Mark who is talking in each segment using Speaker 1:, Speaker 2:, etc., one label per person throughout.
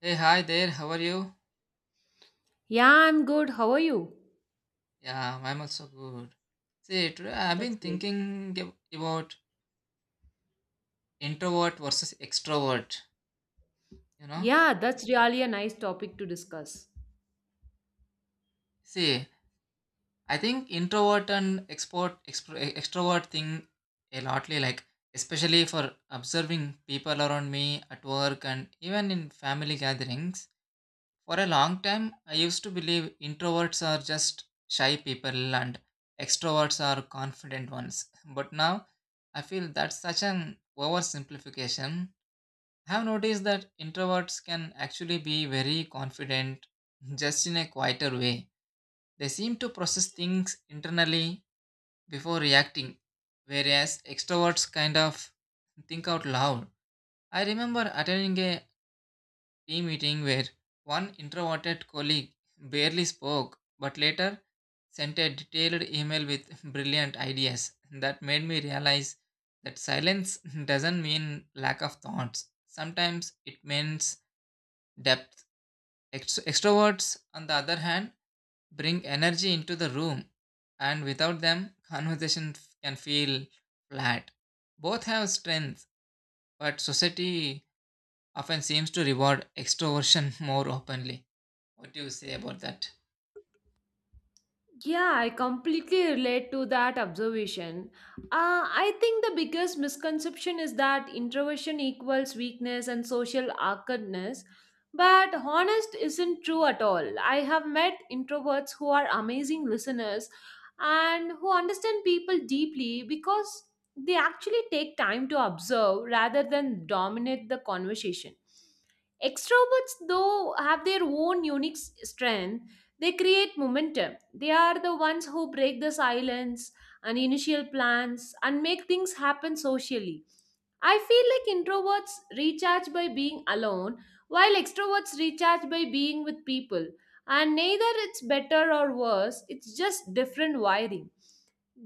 Speaker 1: Hey, hi there, how are you?
Speaker 2: Yeah, I'm good. How are you?
Speaker 1: Yeah, I'm also good. See, today I've
Speaker 2: That's
Speaker 1: been
Speaker 2: great.
Speaker 1: thinking about introvert versus extrovert, you know.
Speaker 2: Yeah, that's really a nice topic to discuss.
Speaker 1: See, I think introvert and extrovert thing a lotly like, especially for observing people around me at work and even in family gatherings. For a long time, I used to believe introverts are just shy people and extroverts are confident ones. But now, I feel that's such an oversimplification. I have noticed that introverts can actually be very confident, just in a quieter way. They seem to process things internally before reacting, whereas extroverts kind of think out loud. I remember attending a team meeting where one introverted colleague barely spoke but later sent a detailed email with brilliant ideas that made me realize that silence doesn't mean lack of thoughts. Sometimes it means depth. Extroverts, on the other hand, bring energy into the room, and without them, can feel flat. Both have strengths, but society often seems to reward extroversion more openly. What do you say about that?
Speaker 2: Yeah, I completely relate to that observation. I think the biggest misconception is that introversion equals weakness and social awkwardness, but honest isn't true at all. I have met introverts who are amazing listeners and who understand people deeply because they actually take time to observe rather than dominate the conversation. Extroverts, though, have their own unique strength. They create momentum. They are the ones who break the silence and initial plans and make things happen socially. I feel like introverts recharge by being alone, while extroverts recharge by being with people. And neither it's better or worse, it's just different wiring.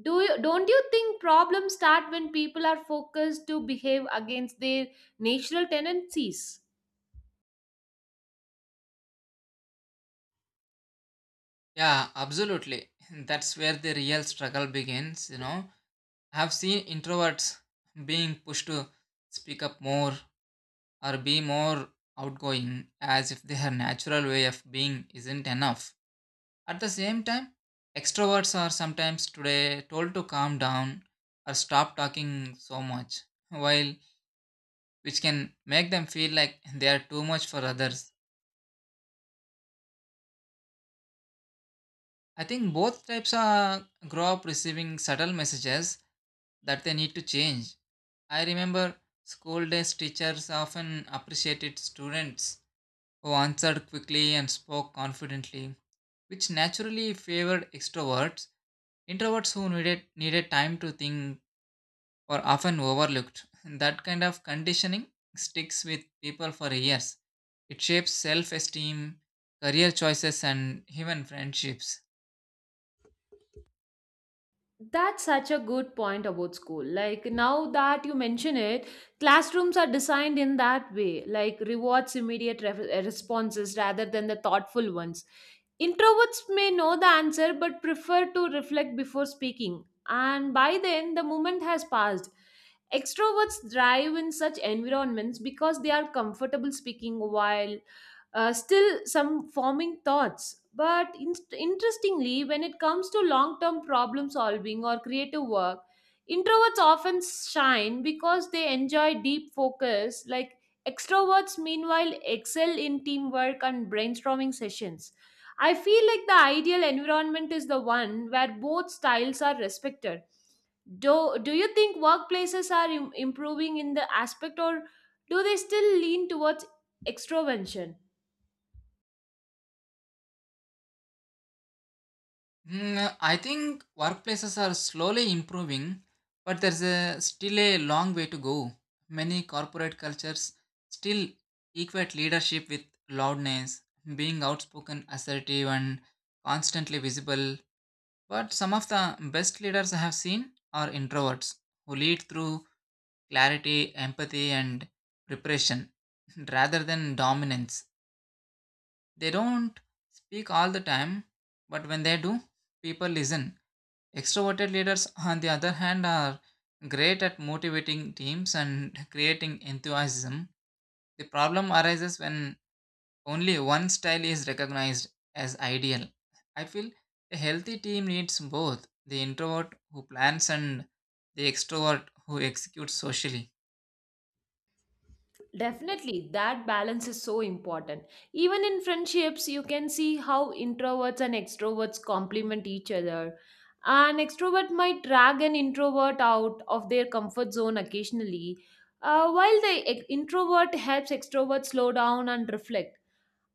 Speaker 2: Don't you think problems start when people are focused to behave against their natural tendencies?
Speaker 1: Yeah, absolutely. That's where the real struggle begins, you know. I have seen introverts being pushed to speak up more or be more outgoing as if their natural way of being isn't enough. At the same time, extroverts are sometimes today told to calm down or stop talking so much, while which can make them feel like they are too much for others. I think both types are grow up receiving subtle messages that they need to change. I remember school days teachers often appreciated students who answered quickly and spoke confidently, which naturally favored extroverts. Introverts who needed time to think were often overlooked. That kind of conditioning sticks with people for years. It shapes self-esteem, career choices and even friendships.
Speaker 2: That's such a good point about school. Like now that you mention it, classrooms are designed in that way, like rewards immediate responses rather than the thoughtful ones. Introverts may know the answer but prefer to reflect before speaking. And by then, the moment has passed. Extroverts thrive in such environments because they are comfortable speaking while still some forming thoughts. But interestingly, when it comes to long term problem solving or creative work, introverts often shine because they enjoy deep focus. Like extroverts, meanwhile, excel in teamwork and brainstorming sessions. I feel like the ideal environment is the one where both styles are respected. Do you think workplaces are improving in the aspect, or do they still lean towards extroversion?
Speaker 1: Mm, I think workplaces are slowly improving, but still a long way to go. Many corporate cultures still equate leadership with loudness, being outspoken, assertive, and constantly visible. But some of the best leaders I have seen are introverts who lead through clarity, empathy, and preparation rather than dominance. They don't speak all the time, but when they do, people listen. Extroverted leaders, on the other hand, are great at motivating teams and creating enthusiasm. The problem arises when only one style is recognized as ideal. I feel a healthy team needs both the introvert who plans and the extrovert who executes socially.
Speaker 2: Definitely, that balance is so important. Even in friendships, you can see how introverts and extroverts complement each other. An extrovert might drag an introvert out of their comfort zone occasionally, while the introvert helps extrovert slow down and reflect.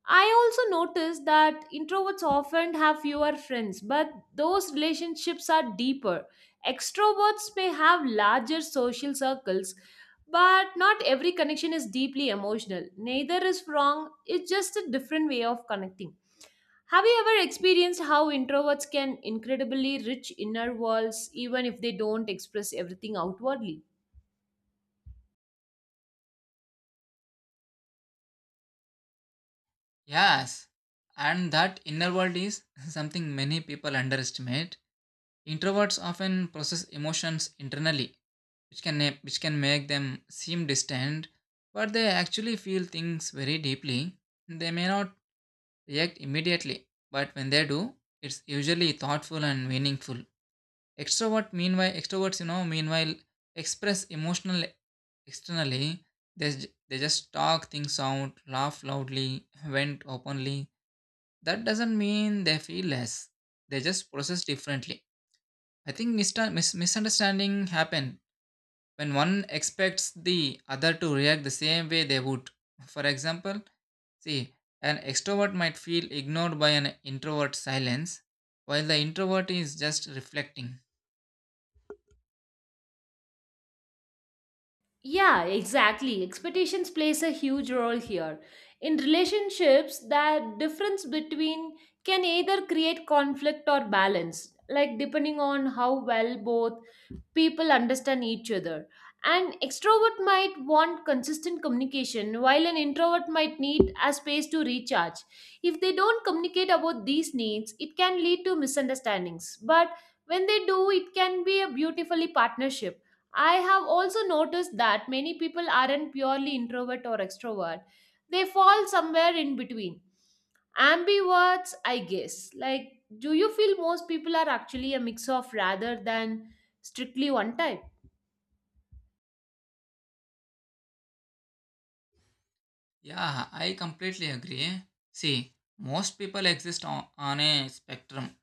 Speaker 2: I also noticed that introverts often have fewer friends, but those relationships are deeper. Extroverts may have larger social circles, but not every connection is deeply emotional. Neither is wrong, it's just a different way of connecting. Have you ever experienced how introverts can incredibly rich inner worlds even if they don't express everything outwardly?
Speaker 1: Yes, and that inner world is something many people underestimate. Introverts often process emotions internally which can which can make them seem distant, but they actually feel things very deeply. They may not react immediately, but when they do, it's usually thoughtful and meaningful. Extroverts meanwhile express emotional externally. They just talk things out, laugh loudly, vent openly. That doesn't mean they feel less, they just process differently. I think misunderstanding happen when one expects the other to react the same way they would. For example, see, an extrovert might feel ignored by an introvert silence, while the introvert is just reflecting.
Speaker 2: Yeah, exactly. Expectations plays a huge role here. In relationships, that difference between can either create conflict or balance, like depending on how well both people understand each other. An extrovert might want consistent communication, while an introvert might need a space to recharge. If they don't communicate about these needs, it can lead to misunderstandings. But when they do, it can be a beautifully partnership. I have also noticed that many people aren't purely introvert or extrovert. They fall somewhere in between. Ambiverts, I guess. Like, do you feel most people are actually a mix of rather than strictly one type?
Speaker 1: Yeah, I completely agree. See, most people exist on a spectrum.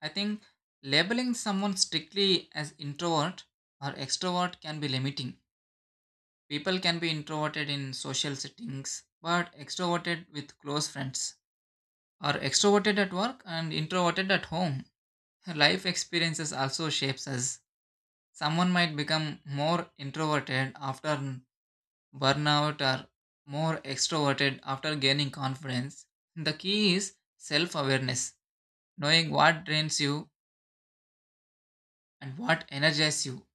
Speaker 1: I think labeling someone strictly as introvert or extrovert can be limiting. People can be introverted in social settings, but extroverted with close friends, are extroverted at work and introverted at home. Life experiences also shapes us. Someone might become more introverted after burnout or more extroverted after gaining confidence. The key is self-awareness, knowing what drains you and what energizes you.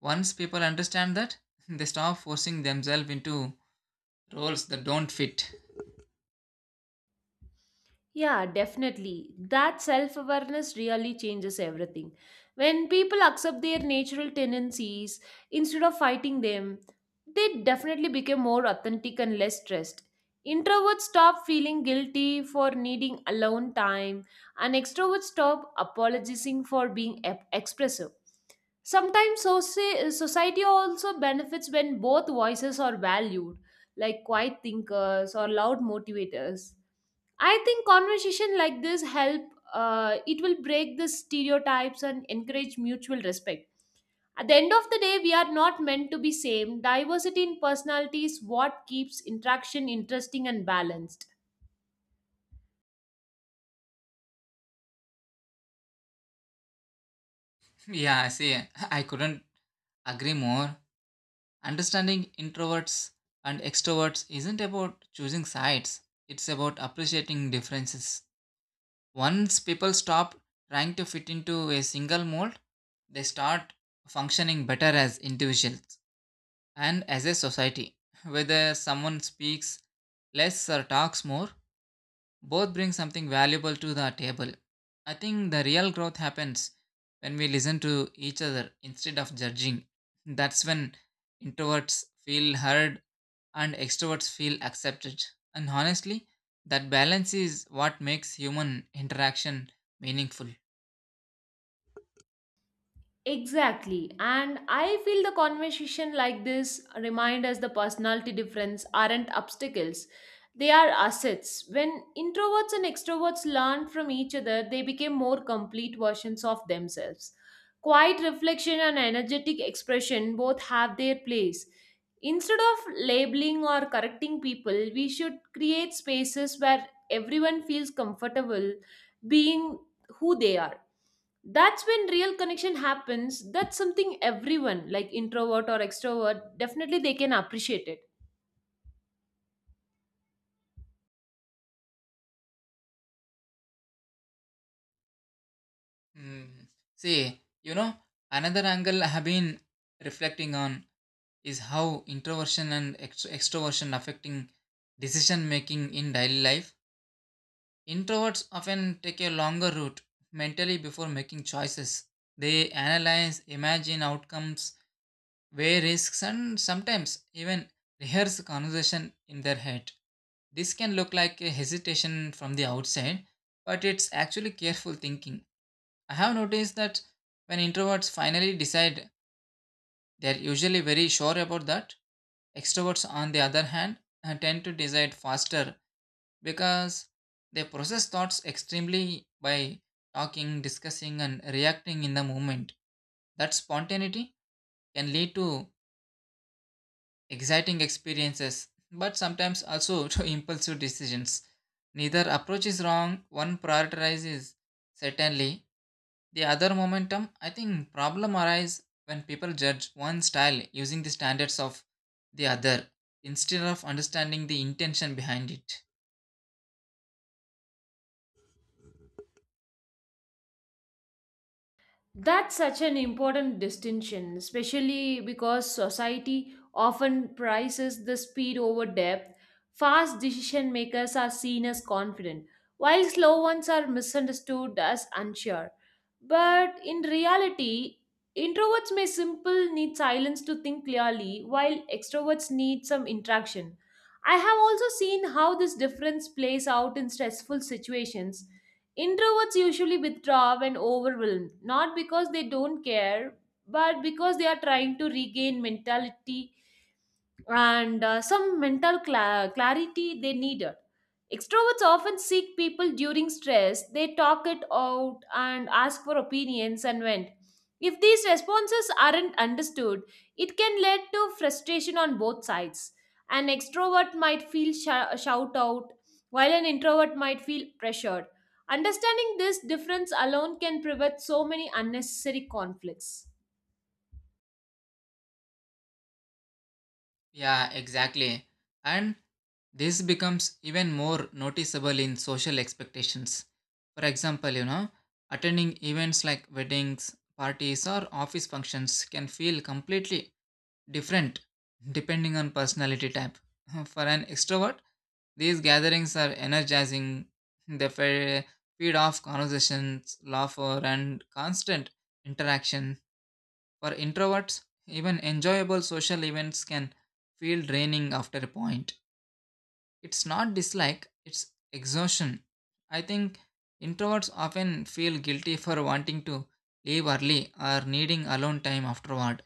Speaker 1: Once people understand that, they stop forcing themselves into roles that don't fit.
Speaker 2: Yeah, definitely. That self awareness really changes everything. When people accept their natural tendencies instead of fighting them, they definitely become more authentic and less stressed. Introverts stop feeling guilty for needing alone time, and extroverts stop apologizing for being expressive. Sometimes society also benefits when both voices are valued, like quiet thinkers or loud motivators. I think conversation like this help. It will break the stereotypes and encourage mutual respect. At the end of the day, we are not meant to be same. Diversity in personality is what keeps interaction interesting and balanced.
Speaker 1: Yeah, see, I couldn't agree more. Understanding introverts and extroverts isn't about choosing sides, it's about appreciating differences. Once people stop trying to fit into a single mold, they start functioning better as individuals and as a society. Whether someone speaks less or talks more, both bring something valuable to the table. I think the real growth happens when we listen to each other instead of judging. That's when introverts feel heard and extroverts feel accepted. And honestly, that balance is what makes human interaction meaningful.
Speaker 2: Exactly. And I feel the conversation like this remind us the personality difference aren't obstacles. They are assets. When introverts and extroverts learn from each other, they became more complete versions of themselves. Quiet reflection and energetic expression both have their place. Instead of labeling or correcting people, we should create spaces where everyone feels comfortable being who they are. That's when real connection happens. That's something everyone like introvert or extrovert definitely they can appreciate it.
Speaker 1: Mm. See, you know, another angle I have been reflecting on is how introversion and extroversion affecting decision making in daily life. Introverts often take a longer route mentally before making choices. They analyze, imagine outcomes, weigh risks, and sometimes even rehearse conversation in their head. This can look like a hesitation from the outside, but it's actually careful thinking. I have noticed that when introverts finally decide, they're usually very sure about that. Extroverts, on the other hand, tend to decide faster because they process thoughts extremely by talking, discussing, and reacting in the moment. That spontaneity can lead to exciting experiences, but sometimes also to impulsive decisions. Neither approach is wrong, one prioritizes certainly, the other momentum. I think problem arise when people judge one style using the standards of the other instead of understanding the intention behind it.
Speaker 2: That's such an important distinction, especially because society often prices the speed over depth. Fast decision makers are seen as confident, while slow ones are misunderstood as unsure. But in reality, introverts may simple need silence to think clearly, while extroverts need some interaction. I have also seen how this difference plays out in stressful situations. Introverts usually withdraw when overwhelmed, not because they don't care, but because they are trying to regain mentality and some mental clarity they needed. Extroverts often seek people during stress, they talk it out and ask for opinions and vent. If these responses aren't understood, it can lead to frustration on both sides. An extrovert might feel shout out, while an introvert might feel pressured. Understanding this difference alone can prevent so many unnecessary conflicts.
Speaker 1: Yeah, exactly. And this becomes even more noticeable in social expectations. For example, you know, attending events like weddings, parties, or office functions can feel completely different depending on personality type. For an extrovert, these gatherings are energizing, they fe- feed off conversations, laughter, and constant interaction. For introverts, even enjoyable social events can feel draining after a point. It's not dislike, it's exhaustion. I think introverts often feel guilty for wanting to leave early or needing alone time afterward.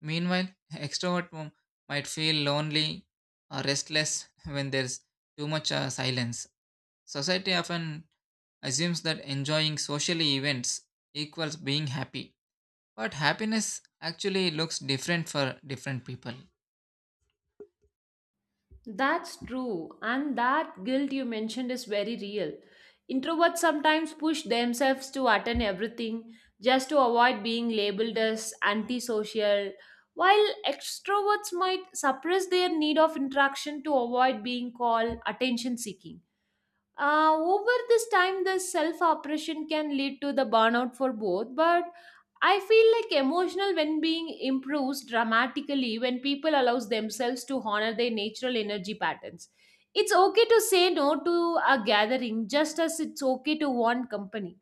Speaker 1: Meanwhile, might feel lonely or restless when there's too much silence. Society often assumes that enjoying social events equals being happy. But happiness actually looks different for different people.
Speaker 2: That's true, and that guilt you mentioned is very real. Introverts sometimes push themselves to attend everything just to avoid being labeled as antisocial, while extroverts might suppress their need of interaction to avoid being called attention seeking. Over this time, the self oppression can lead to the burnout for both, but I feel like emotional well being improves dramatically when people allows themselves to honor their natural energy patterns. It's okay to say no to a gathering just as it's okay to want company.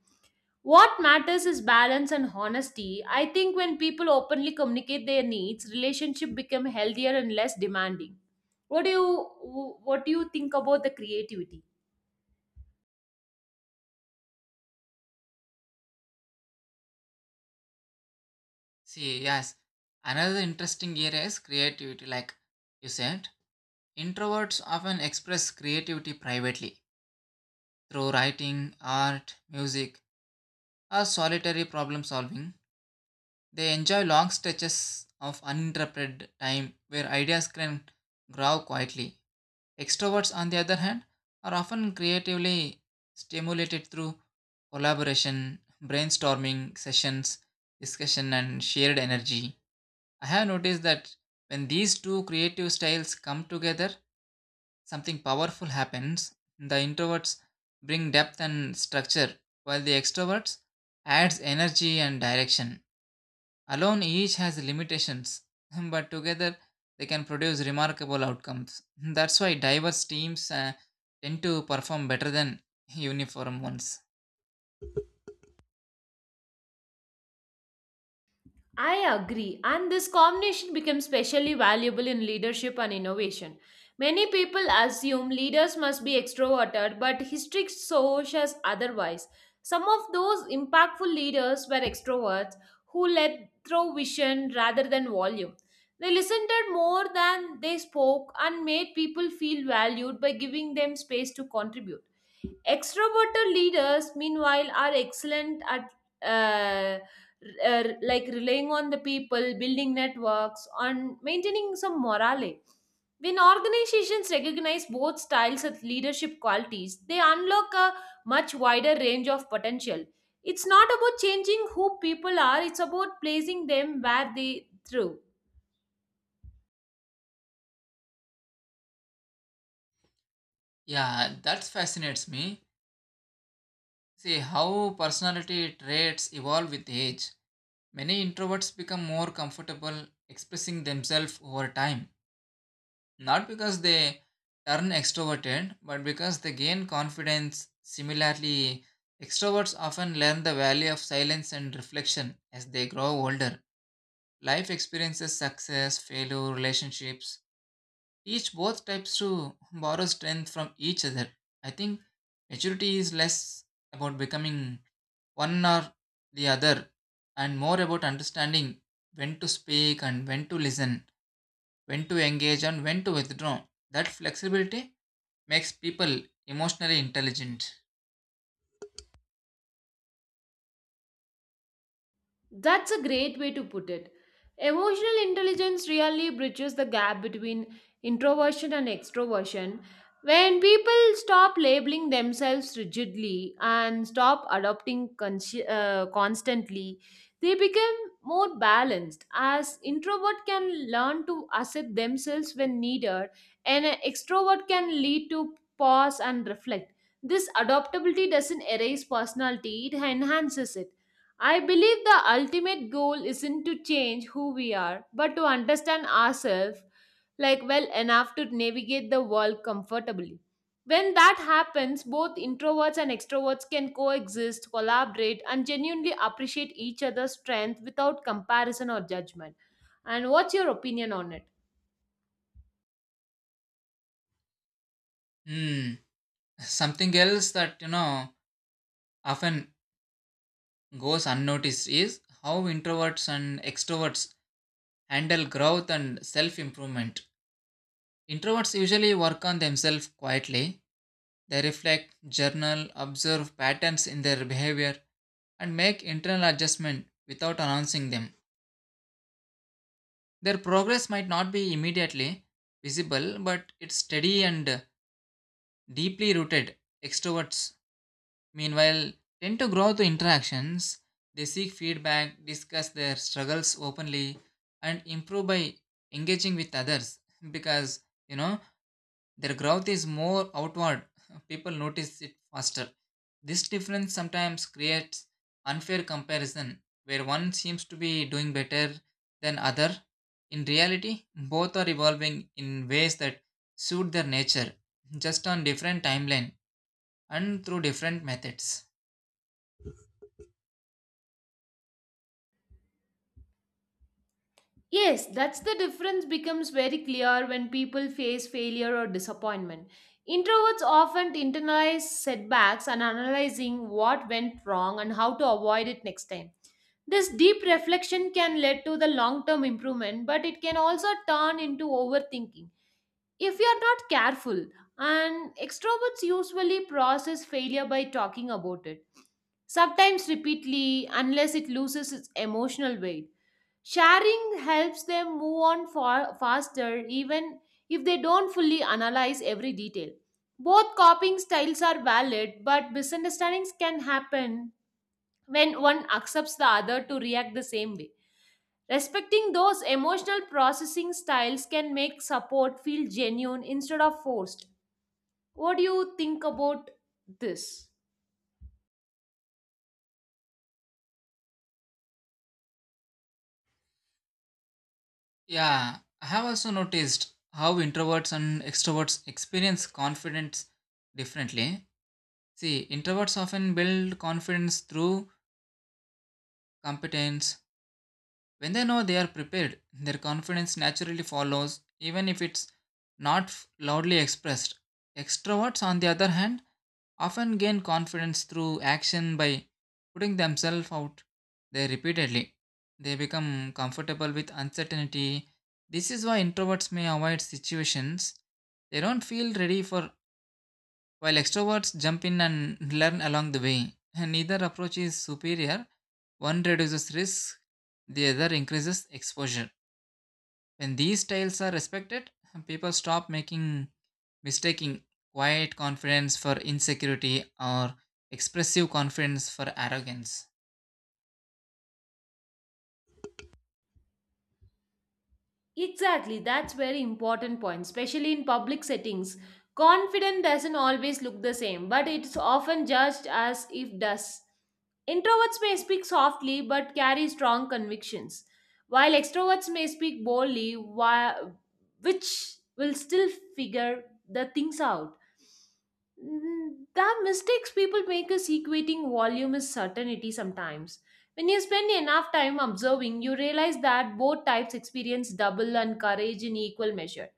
Speaker 2: What matters is balance and honesty. I think when people openly communicate their needs, relationship become healthier and less demanding. What do you what do you think about the creativity?
Speaker 1: See, yes, another interesting area is creativity, like you said. Introverts often express creativity privately through writing, art, music, or solitary problem solving. They enjoy long stretches of uninterrupted time where ideas can grow quietly. Extroverts, on the other hand, are often creatively stimulated through collaboration, brainstorming sessions, discussion, and shared energy. I have noticed that when these two creative styles come together, something powerful happens. The introverts bring depth and structure, while the extroverts adds energy and direction. Alone each has limitations, but together they can produce remarkable outcomes. That's why diverse teams tend to perform better than uniform ones.
Speaker 2: I agree, and this combination becomes specially valuable in leadership and innovation. Many people assume leaders must be extroverted, but history shows us otherwise. Some of those impactful leaders were extroverts who led through vision rather than volume. They listened more than they spoke and made people feel valued by giving them space to contribute. Extroverted leaders, meanwhile, are excellent at uh, r- like relying on the people, building networks, and maintaining some morale. When organizations recognize both styles as leadership qualities, they unlock a much wider range of potential. It's not about changing who people are, it's about placing them where they thrive.
Speaker 1: Yeah, that fascinates me. See how personality traits evolve with age. Many introverts become more comfortable expressing themselves over time, not because they turn extroverted, but because they gain confidence. Similarly, extroverts often learn the value of silence and reflection as they grow older. Life experiences, success, failure, relationships, each both types to borrow strength from each other. I think maturity is less about becoming one or the other and more about understanding when to speak and when to listen, when to engage and when to withdraw. That flexibility makes people emotionally intelligent.
Speaker 2: That's a great way to put it. Emotional intelligence really bridges the gap between introversion and extroversion. When people stop labeling themselves rigidly and stop adopting constantly, they become more balanced. As introvert can learn to accept themselves when needed, and an extrovert can lead to pause and reflect. This adaptability doesn't erase personality; it enhances it. I believe the ultimate goal isn't to change who we are, but to understand ourselves like well enough to navigate the world comfortably. When that happens, both introverts and extroverts can coexist, collaborate, and genuinely appreciate each other's strength without comparison or judgment. And what's your opinion on it?
Speaker 1: Hmm. Something else that you know often goes unnoticed is how introverts and extroverts handle growth and self improvement. Introverts usually work on themselves quietly. They reflect, journal, observe patterns in their behavior, and make internal adjustment without announcing them. Their progress might not be immediately visible, but it's steady and deeply rooted. Extroverts, meanwhile, tend to grow through interactions. They seek feedback, discuss their struggles openly, and improve by engaging with others, because you know, their growth is more outward. People notice it faster. This difference sometimes creates unfair comparison where one seems to be doing better than other. In reality, both are evolving in ways that suit their nature, just on different timeline and through different methods.
Speaker 2: Yes, that's the difference becomes very clear when people face failure or disappointment. Introverts often internalize setbacks and analyzing what went wrong and how to avoid it next time. This deep reflection can lead to the long term improvement, but it can also turn into overthinking if you are not careful. And extroverts usually process failure by talking about it, sometimes repeatedly, unless it loses its emotional weight. Sharing helps them move on faster even if they don't fully analyze every detail. Both copying styles are valid, but misunderstandings can happen when one accepts the other to react the same way. Respecting those emotional processing styles can make support feel genuine instead of forced. What do you think about this?
Speaker 1: Yeah, I have also noticed how introverts and extroverts experience confidence differently. See, introverts often build confidence through competence. When they know they are prepared, their confidence naturally follows, even if it's not loudly expressed. Extroverts, on the other hand, often gain confidence through action by putting themselves out there repeatedly. They become comfortable with uncertainty. This is why introverts may avoid situations they don't feel ready for, while extroverts jump in and learn along the way, and neither approach is superior. One reduces risk, the other increases exposure. When these styles are respected, people stop making mistaking quiet confidence for insecurity or expressive confidence for arrogance.
Speaker 2: Exactly, that's very important point, especially in public settings. Confident doesn't always look the same, but it's often judged as if does. Introverts may speak softly but carry strong convictions, while extroverts may speak boldly, which will still figure the things out. Mm, the mistakes people make is equating volume is certainty sometimes. When you spend enough time observing, you realize that both types experience double and courage in equal measure.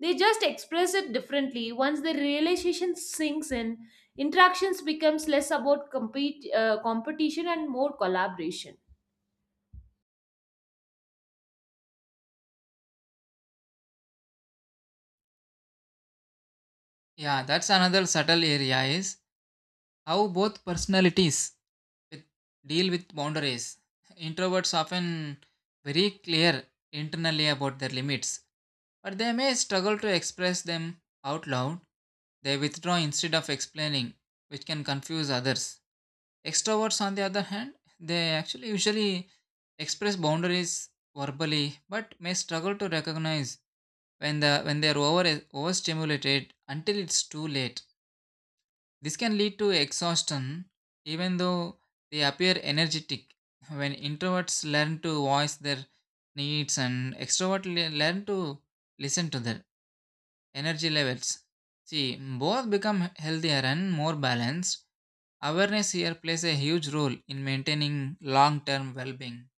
Speaker 2: They just express it differently. Once the realization sinks in, interactions becomes less about competition and more collaboration.
Speaker 1: Yeah, that's another subtle area is how both personalities with, deal with boundaries. Introverts often very clear internally about their limits, but they may struggle to express them out loud. They withdraw instead of explaining, which can confuse others. Extroverts, on the other hand, they actually usually express boundaries verbally, but may struggle to recognize when they are overstimulated until it's too late. This can lead to exhaustion, even though they appear energetic. When introverts learn to voice their needs and extroverts learn to listen to their energy levels, see both become healthier and more balanced. Awareness here plays a huge role in maintaining long term well being.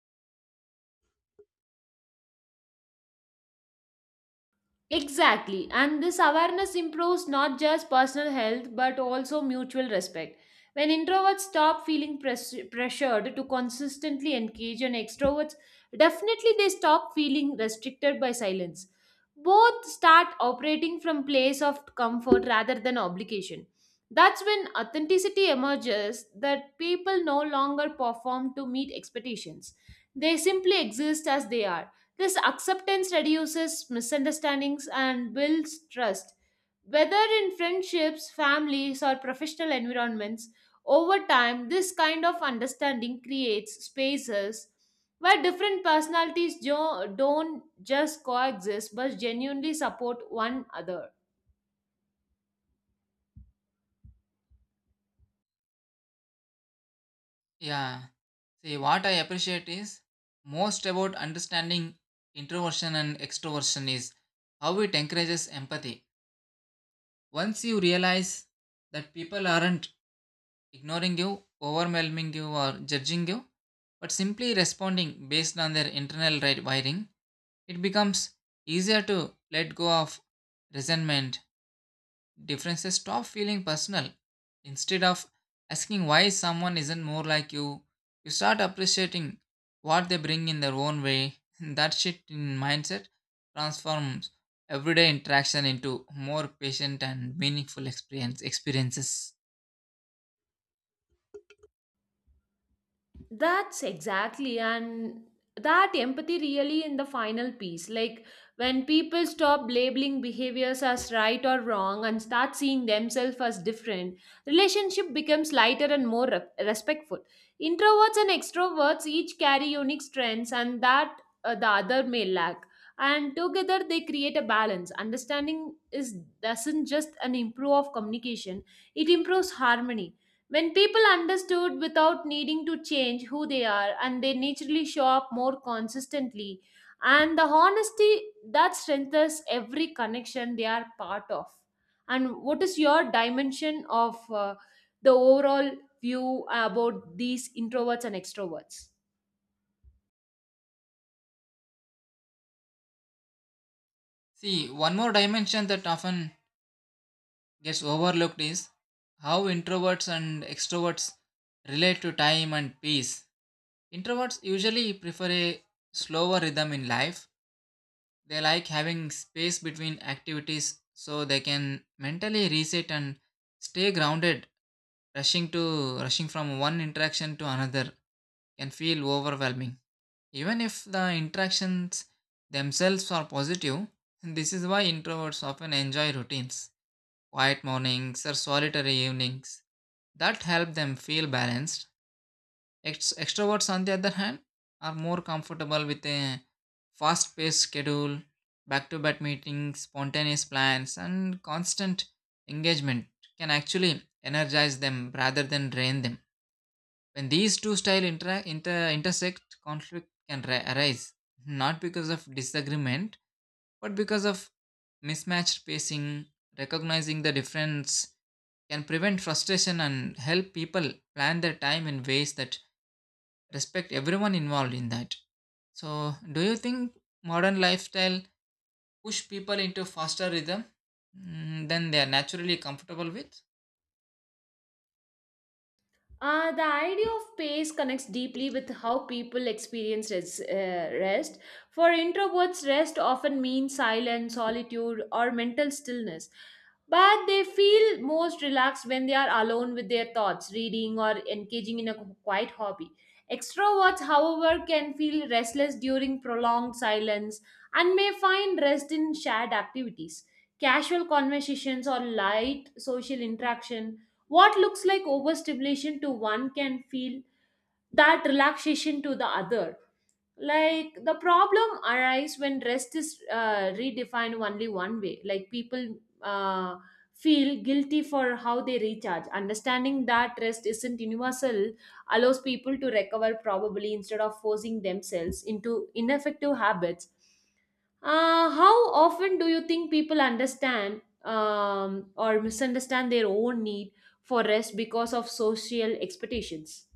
Speaker 2: Exactly. And this awareness improves not just personal health but also mutual respect. When introverts stop feeling pressured to consistently engage and extroverts, definitely they stop feeling restricted by silence. Both start operating from place of comfort rather than obligation. That's when authenticity emerges that people no longer perform to meet expectations. They simply exist as they are. This acceptance reduces misunderstandings and builds trust. Whether in friendships, families, or professional environments, over time, this kind of understanding creates spaces where different personalities don't just coexist but genuinely support one another.
Speaker 1: Yeah, see, what I appreciate is most about understanding introversion and extroversion is how it encourages empathy. Once you realize that people aren't ignoring you, overwhelming you, or judging you, but simply responding based on their internal wiring, it becomes easier to let go of resentment. Differences stop feeling personal. Instead of asking why someone isn't more like you start appreciating what they bring in their own way. That shift in mindset transforms everyday interaction into more patient and meaningful experiences.
Speaker 2: That's exactly, and that empathy really in the final piece. Like when people stop labeling behaviors as right or wrong and start seeing themselves as different, relationship becomes lighter and more respectful. Introverts and extroverts each carry unique strengths, and that the other may lack. And together they create a balance. Understanding is doesn't just an improve of communication; it improves harmony when people understood without needing to change who they are and they naturally show up more consistently, and the honesty that strengthens every connection they are part of. And what is your dimension of the overall view about these introverts and extroverts?
Speaker 1: See, one more dimension that often gets overlooked is how introverts and extroverts relate to time and peace. Introverts usually prefer a slower rhythm in life. They like having space between activities so they can mentally reset and stay grounded. Rushing from one interaction to another can feel overwhelming. Even if the interactions themselves are positive, this is why introverts often enjoy routines, quiet mornings or solitary evenings that help them feel balanced. Extroverts, on the other hand, are more comfortable with a fast paced schedule, back to back meetings, spontaneous plans, and constant engagement can actually energize them rather than drain them. When these two styles intersect, arise, not because of disagreement but because of mismatched pacing. Recognizing the difference can prevent frustration and help people plan their time in ways that respect everyone involved in that. So, do you think modern lifestyle push people into faster rhythm, mm, than they are naturally comfortable with?
Speaker 2: The idea of pace connects deeply with how people experience rest. For introverts, rest often means silence, solitude, or mental stillness. But they feel most relaxed when they are alone with their thoughts, reading, or engaging in a quiet hobby. Extroverts, however, can feel restless during prolonged silence and may find rest in shared activities, casual conversations, or light social interaction. What looks like overstimulation to one can feel that relaxation to the other. Like the problem arises when rest is redefined only one way. Like people feel guilty for how they recharge. Understanding that rest isn't universal allows people to recover probably instead of forcing themselves into ineffective habits. How often do you think people understand or misunderstand their own need for rest because of social expectations?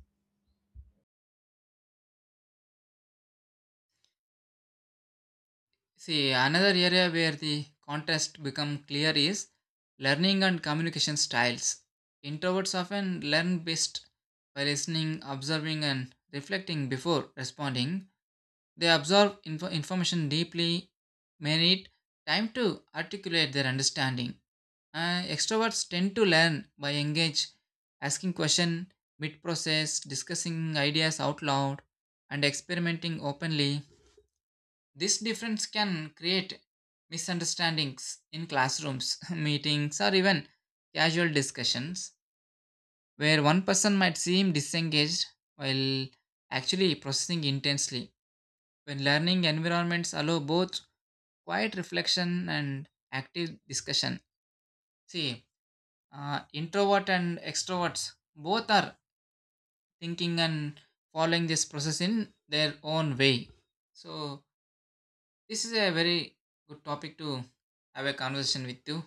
Speaker 1: See, another area where the contrast become clear is learning and communication styles. Introverts often learn best by listening, observing, and reflecting before responding. They absorb information deeply, may need time to articulate their understanding. Extroverts tend to learn by engage, asking question mid-process, discussing ideas out loud, and experimenting openly. This difference can create misunderstandings in classrooms, meetings, or even casual discussions, where one person might seem disengaged while actually processing intensely. When learning environments allow both quiet reflection and active discussion, see, introvert and extroverts both are thinking and following this process in their own way. So this is a very good topic to have a conversation with you.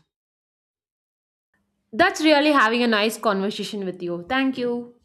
Speaker 2: That's really having a nice conversation with you. Thank you.